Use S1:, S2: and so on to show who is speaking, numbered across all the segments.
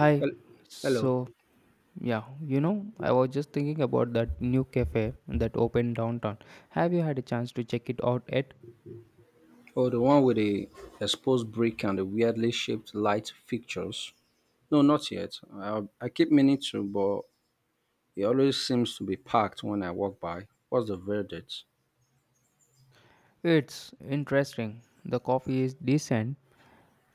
S1: Hi.
S2: Hel- Hello.
S1: So, I was just thinking about that new cafe that opened downtown. Have you had a chance to check it out yet?
S2: Oh, the one with the exposed brick and the weirdly shaped light fixtures. No, not yet. I keep meaning to, but it always seems to be packed when I walk by. What's the verdict?
S1: It's interesting. The coffee is decent,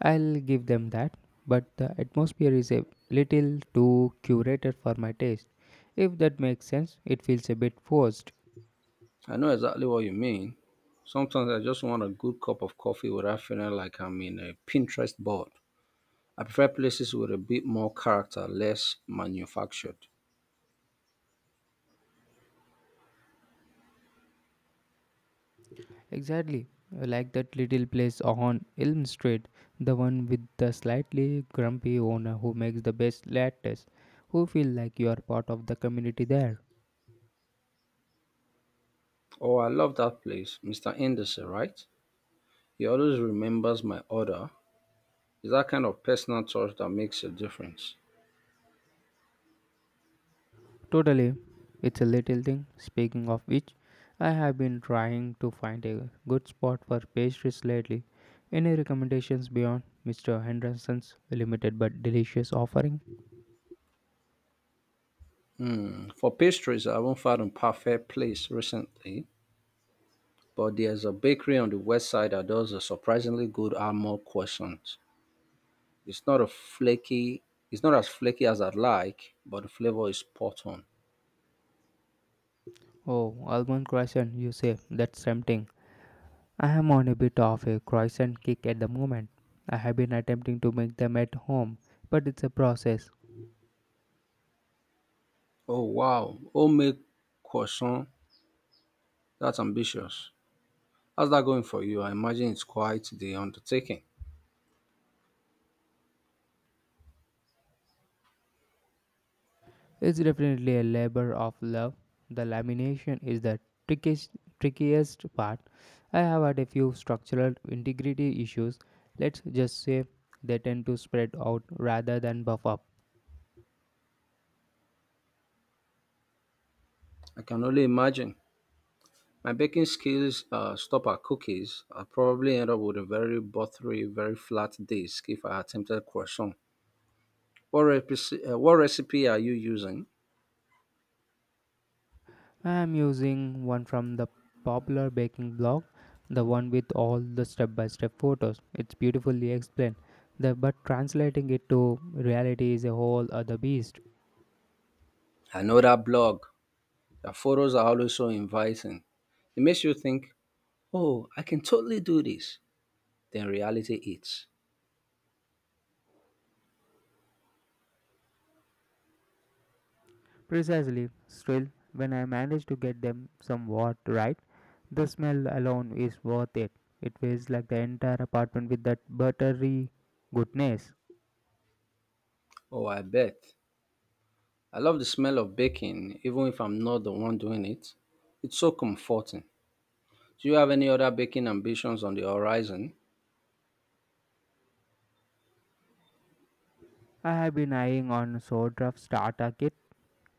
S1: I'll give them that, but the atmosphere is a little too curated for my taste. If that makes sense, it feels a bit forced.
S2: I know exactly what you mean. Sometimes I just want a good cup of coffee without feeling like I'm in a Pinterest board. I prefer places with a bit more character, less manufactured.
S1: Exactly, like that little place on Elm Street, the one with the slightly grumpy owner who makes the best lattes, who feel like you are part of the community there.
S2: Oh, I love that place, Mr. Indesi, right? He always remembers my order. It's that kind of personal touch that makes a difference.
S1: Totally, it's a little thing. Speaking of which, I have been trying to find a good spot for pastries lately. Any recommendations beyond Mr. Henderson's limited but delicious offering?
S2: Mm. For pastries, I haven't found a perfect place recently, but there's a bakery on the west side that does a surprisingly good almond croissant. It's not a flaky, it's not as flaky as I'd like, but the flavor is spot on.
S1: Oh, almond croissant, you say? That's tempting. I am on a bit of a croissant kick at the moment. I have been attempting to make them at home, but it's a process.
S2: Oh wow, homemade croissant, that's ambitious. How's that going for you? I imagine it's quite the undertaking.
S1: It's definitely a labor of love. The lamination is the trickiest, trickiest part. I have had a few structural integrity issues. Let's just say they tend to spread out rather than buff up.
S2: I can only imagine. My baking skills stop at cookies. I probably end up with a very buttery, very flat dish if I attempted croissant. What recipe are you using?
S1: I'm using one from the popular baking blog, the one with all the step by step photos. It's beautifully explained, but translating it to reality is a whole other beast.
S2: I know that blog. The photos are always so inviting. It makes you think, oh, I can totally do this. Then reality hits.
S1: Precisely, still, when I manage to get them somewhat right, the smell alone is worth it. It feels like the entire apartment with that buttery goodness.
S2: Oh, I bet. I love the smell of baking, even if I'm not the one doing it. It's so comforting. Do you have any other baking ambitions on the horizon?
S1: I have been eyeing on Sodrof's starter kit.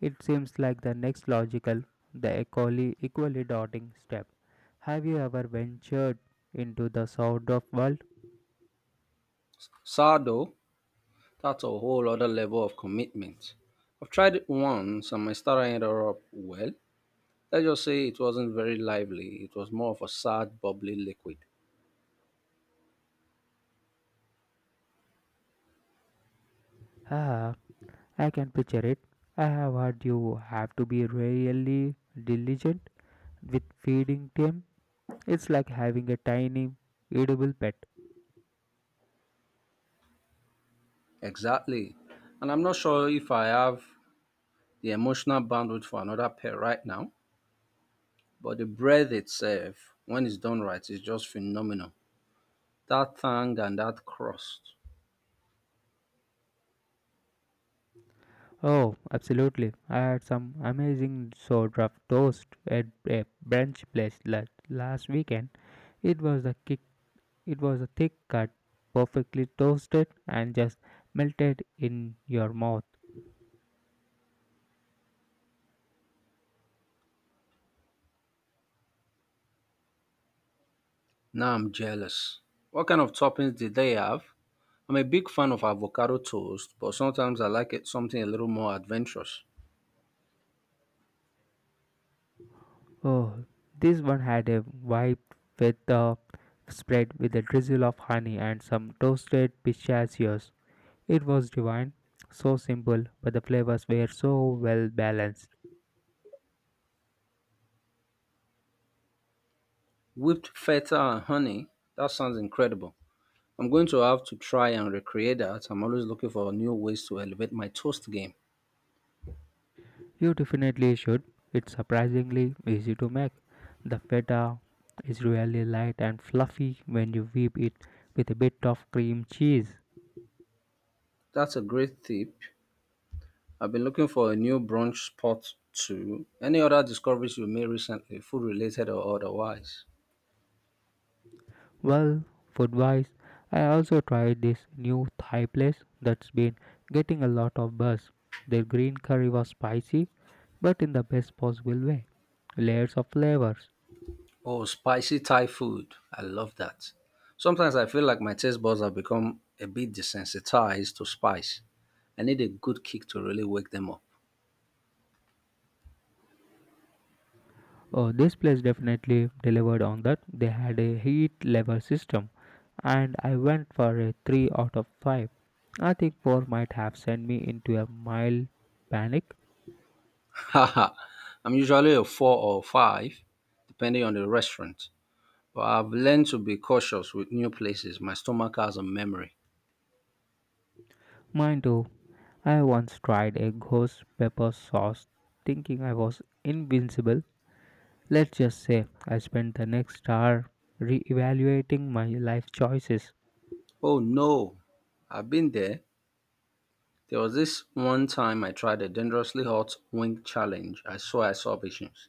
S1: It seems like the next logical, the equally daunting step. Have you ever ventured into the sound of world?
S2: Sourdough? That's a whole other level of commitment. I've tried it once and my starter ended up well. Let's just say it wasn't very lively, it was more of a sad, bubbly liquid.
S1: Ah, I can picture it. I have heard you have to be really diligent with feeding them. It's like having a tiny edible pet.
S2: Exactly. And I'm not sure if I have the emotional bandwidth for another pair right now, but the breath itself, when it's done right, is just phenomenal. That tang and that crust.
S1: Oh, absolutely. I had some amazing sort of toast at a brunch place last weekend. It was the kick. It was a thick cut, perfectly toasted and just melted in your mouth.
S2: Now I'm jealous. What kind of toppings did they have? I'm a big fan of avocado toast, but sometimes I like it something a little more adventurous.
S1: Oh, this one had a vibe with the spread with a drizzle of honey and some toasted pistachios. It was divine, so simple, but the flavors were so well balanced.
S2: Whipped feta and honey? That sounds incredible. I'm going to have to try and recreate that. I'm always looking for new ways to elevate my toast game.
S1: You definitely should. It's surprisingly easy to make. The feta is really light and fluffy when you whip it with a bit of cream cheese.
S2: That's a great tip. I've been looking for a new brunch spot too. Any other discoveries you made recently, food related or otherwise?
S1: Well, food wise, I also tried this new Thai place that's been getting a lot of buzz. Their green curry was spicy, but in the best possible way. Layers of flavors.
S2: Oh, spicy Thai food. I love that. Sometimes I feel like my taste buds have become a bit desensitized to spice. I need a good kick to really wake them up.
S1: Oh, this place definitely delivered on that. They had a heat level system, and I went for a 3 out of 5. I think 4 might have sent me into a mild panic.
S2: Haha, I'm usually a four or five, depending on the restaurant. But I've learned to be cautious with new places. My stomach has a memory.
S1: Mind you, I once tried a ghost pepper sauce thinking I was invincible. Let's just say I spent the next hour re-evaluating my life choices.
S2: Oh no, I've been there. There was this one time I tried a dangerously hot wing challenge. I saw visions.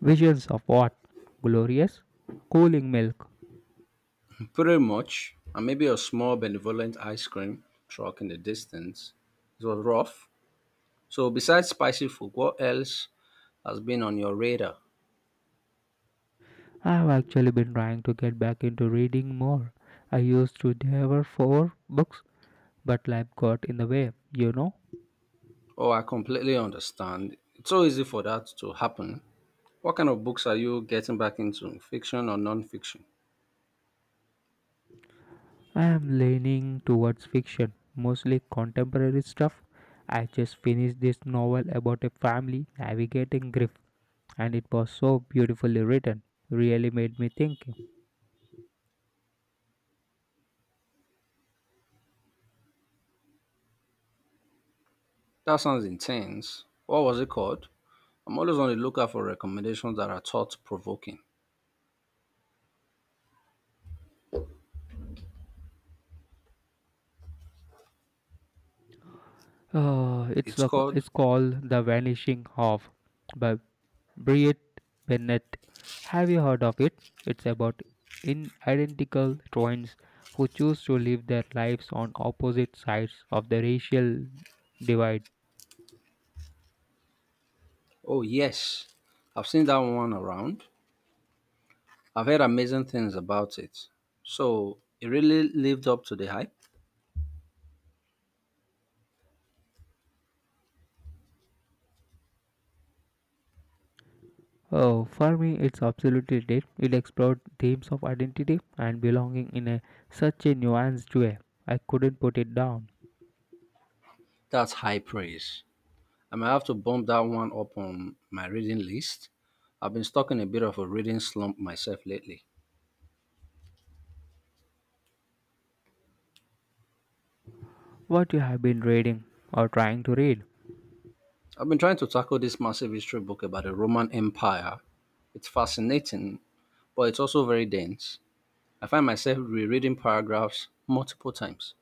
S1: Visions of what? Glorious? Cooling milk.
S2: Pretty much, and maybe a small benevolent ice cream truck in the distance. It was rough. So, besides spicy food, what else has been on your radar?
S1: I've actually been trying to get back into reading more. I used to devour four books, but life got in the way.
S2: Oh, I completely understand. It's so easy for that to happen. What kind of books are you getting back into, fiction or non-fiction?
S1: I am leaning towards fiction, mostly contemporary stuff. I just finished this novel about a family navigating grief, and it was so beautifully written. Really made me think.
S2: That sounds intense. What was it called? I'm always on the lookout for recommendations that are thought-provoking. It's called,
S1: It's called The Vanishing Half by Briett Bennett. Have you heard of it? It's about inidentical twins who choose to live their lives on opposite sides of the racial divide.
S2: oh yes, I've seen that one around. I've heard amazing things about it. So it really lived up to the hype.
S1: Oh, for me, it's absolutely did. It explored themes of identity and belonging in a such a nuanced way. I couldn't put it down.
S2: That's high praise. I might have to bump that one up on my reading list. I've been stuck in a bit of a reading slump myself lately.
S1: What you have been reading or trying to read?
S2: I've been trying to tackle this massive history book about the Roman Empire. It's fascinating, but it's also very dense. I find myself rereading paragraphs multiple times.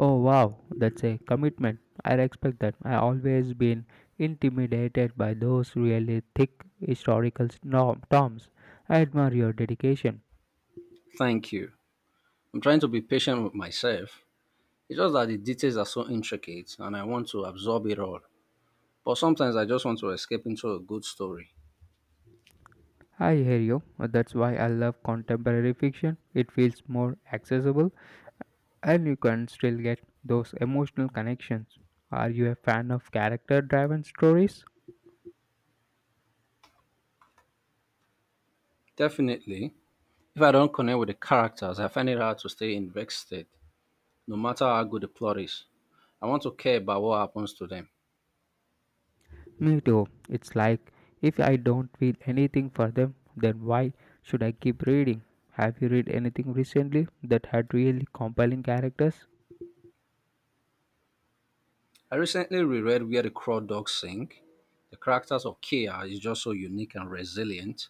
S1: Oh wow, that's a commitment. I respect that. I always been intimidated by those really thick historical terms. I admire your dedication.
S2: Thank you. I'm trying to be patient with myself. It's just that the details are so intricate and I want to absorb it all. But sometimes I just want to escape into a good story.
S1: I hear you. That's why I love contemporary fiction. It feels more accessible and you can still get those emotional connections. Are you a fan of character driven stories?
S2: Definitely, if I don't connect with the characters, I find it hard to stay invested, no matter how good the plot is. I want to care about what happens to them.
S1: Me too. It's like if I don't feel anything for them, then why should I keep reading? Have you read anything recently that had really compelling characters?
S2: I recently reread Where the Craw Dogs Sing. The characters of Kia is just so unique and resilient.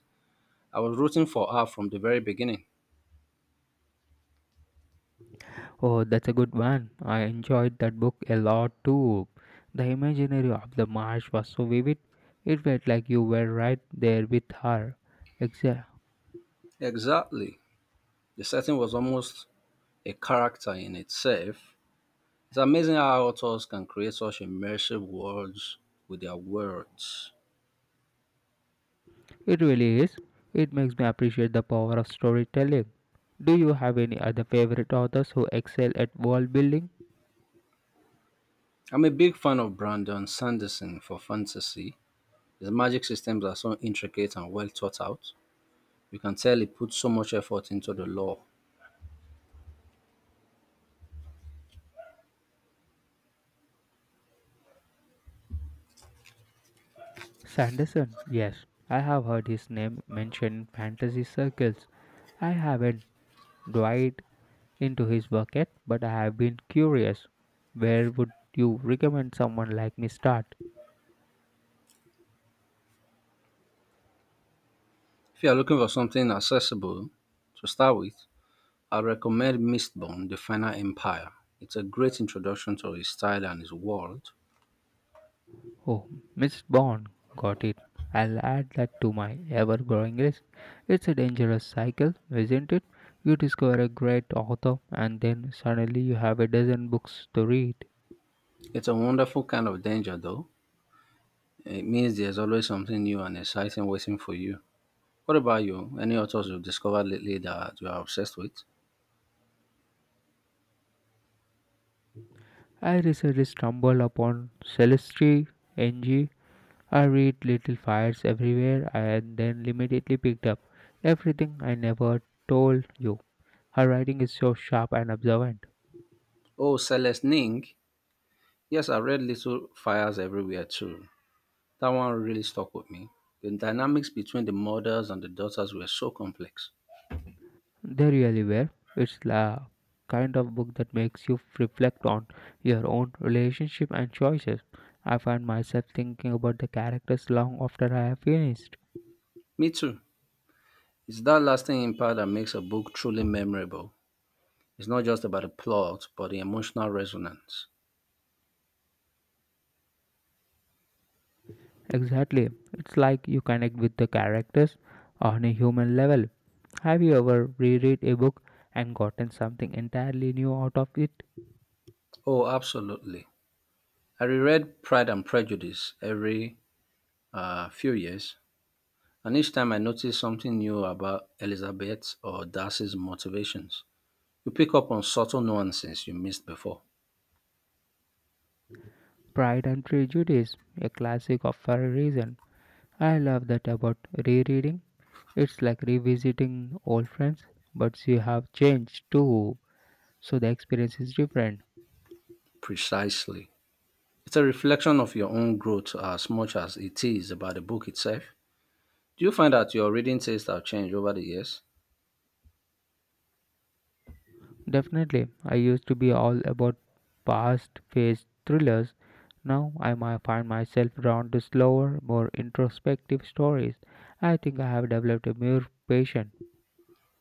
S2: I was rooting for her from the very beginning.
S1: Oh, that's a good one. I enjoyed that book a lot too. The imaginary of the marsh was so vivid. It felt like you were right there with her. Exa-
S2: Exactly. The setting was almost a character in itself. It's amazing how authors can create such immersive worlds with their words.
S1: It really is. It makes me appreciate the power of storytelling. Do you have any other favorite authors who excel at world building?
S2: I'm a big fan of Brandon Sanderson for fantasy. His magic systems are so intricate and well thought out. You can tell he put so much effort into the lore.
S1: Sanderson, yes, I have heard his name mentioned in fantasy circles. I haven't dived into his work yet, but I have been curious. Where would you recommend someone like me start?
S2: If you are looking for something accessible to start with, I recommend Mistborn: The Final Empire. It's a great introduction to his style and his world.
S1: Oh, Miss Bond, got it. I'll add that to my ever growing list. It's a dangerous cycle, isn't it? You discover a great author, and then suddenly you have a dozen books to read.
S2: It's a wonderful kind of danger, though. It means there's always something new and exciting waiting for you. What about you? Any authors you've discovered lately that you are obsessed with?
S1: I recently stumbled upon Celestine Ng. I read Little Fires Everywhere and then immediately picked up Everything I Never Told You. Her writing is so sharp and observant.
S2: Oh, Celeste Ning. Yes, I read Little Fires Everywhere too. That one really stuck with me. The dynamics between the mothers and the daughters were so complex.
S1: They really were. It's the kind of book that makes you reflect on your own relationship and choices. I find myself thinking about the characters long after I have finished.
S2: Me too. It's that lasting impact that makes a book truly memorable. It's not just about the plot, but the emotional resonance.
S1: Exactly. It's like you connect with the characters on a human level. Have you ever reread a book and gotten something entirely new out of it?
S2: Oh, absolutely. I reread Pride and Prejudice every few years, and each time I notice something new about Elizabeth or Darcy's motivations. You pick up on subtle nuances you missed before.
S1: Pride and Prejudice, a classic of for a reason. I love that about rereading. It's like revisiting old friends, but you have changed too, so the experience is different.
S2: Precisely. It's a reflection of your own growth as much as it is about the book itself. Do you find that your reading tastes have changed over the years?
S1: Definitely, I used to be all about past phase thrillers. Now I might find myself drawn to slower, more introspective stories. I think I have developed a more patient.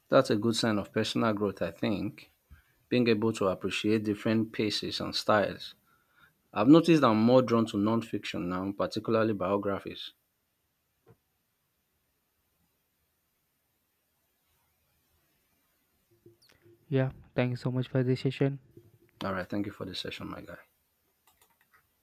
S2: That's a good sign of personal growth, I think, being able to appreciate different paces and styles. I've noticed I'm more drawn to nonfiction now, particularly biographies.
S1: Yeah, thanks so much for this session.
S2: All right. Thank you for the session, my guy.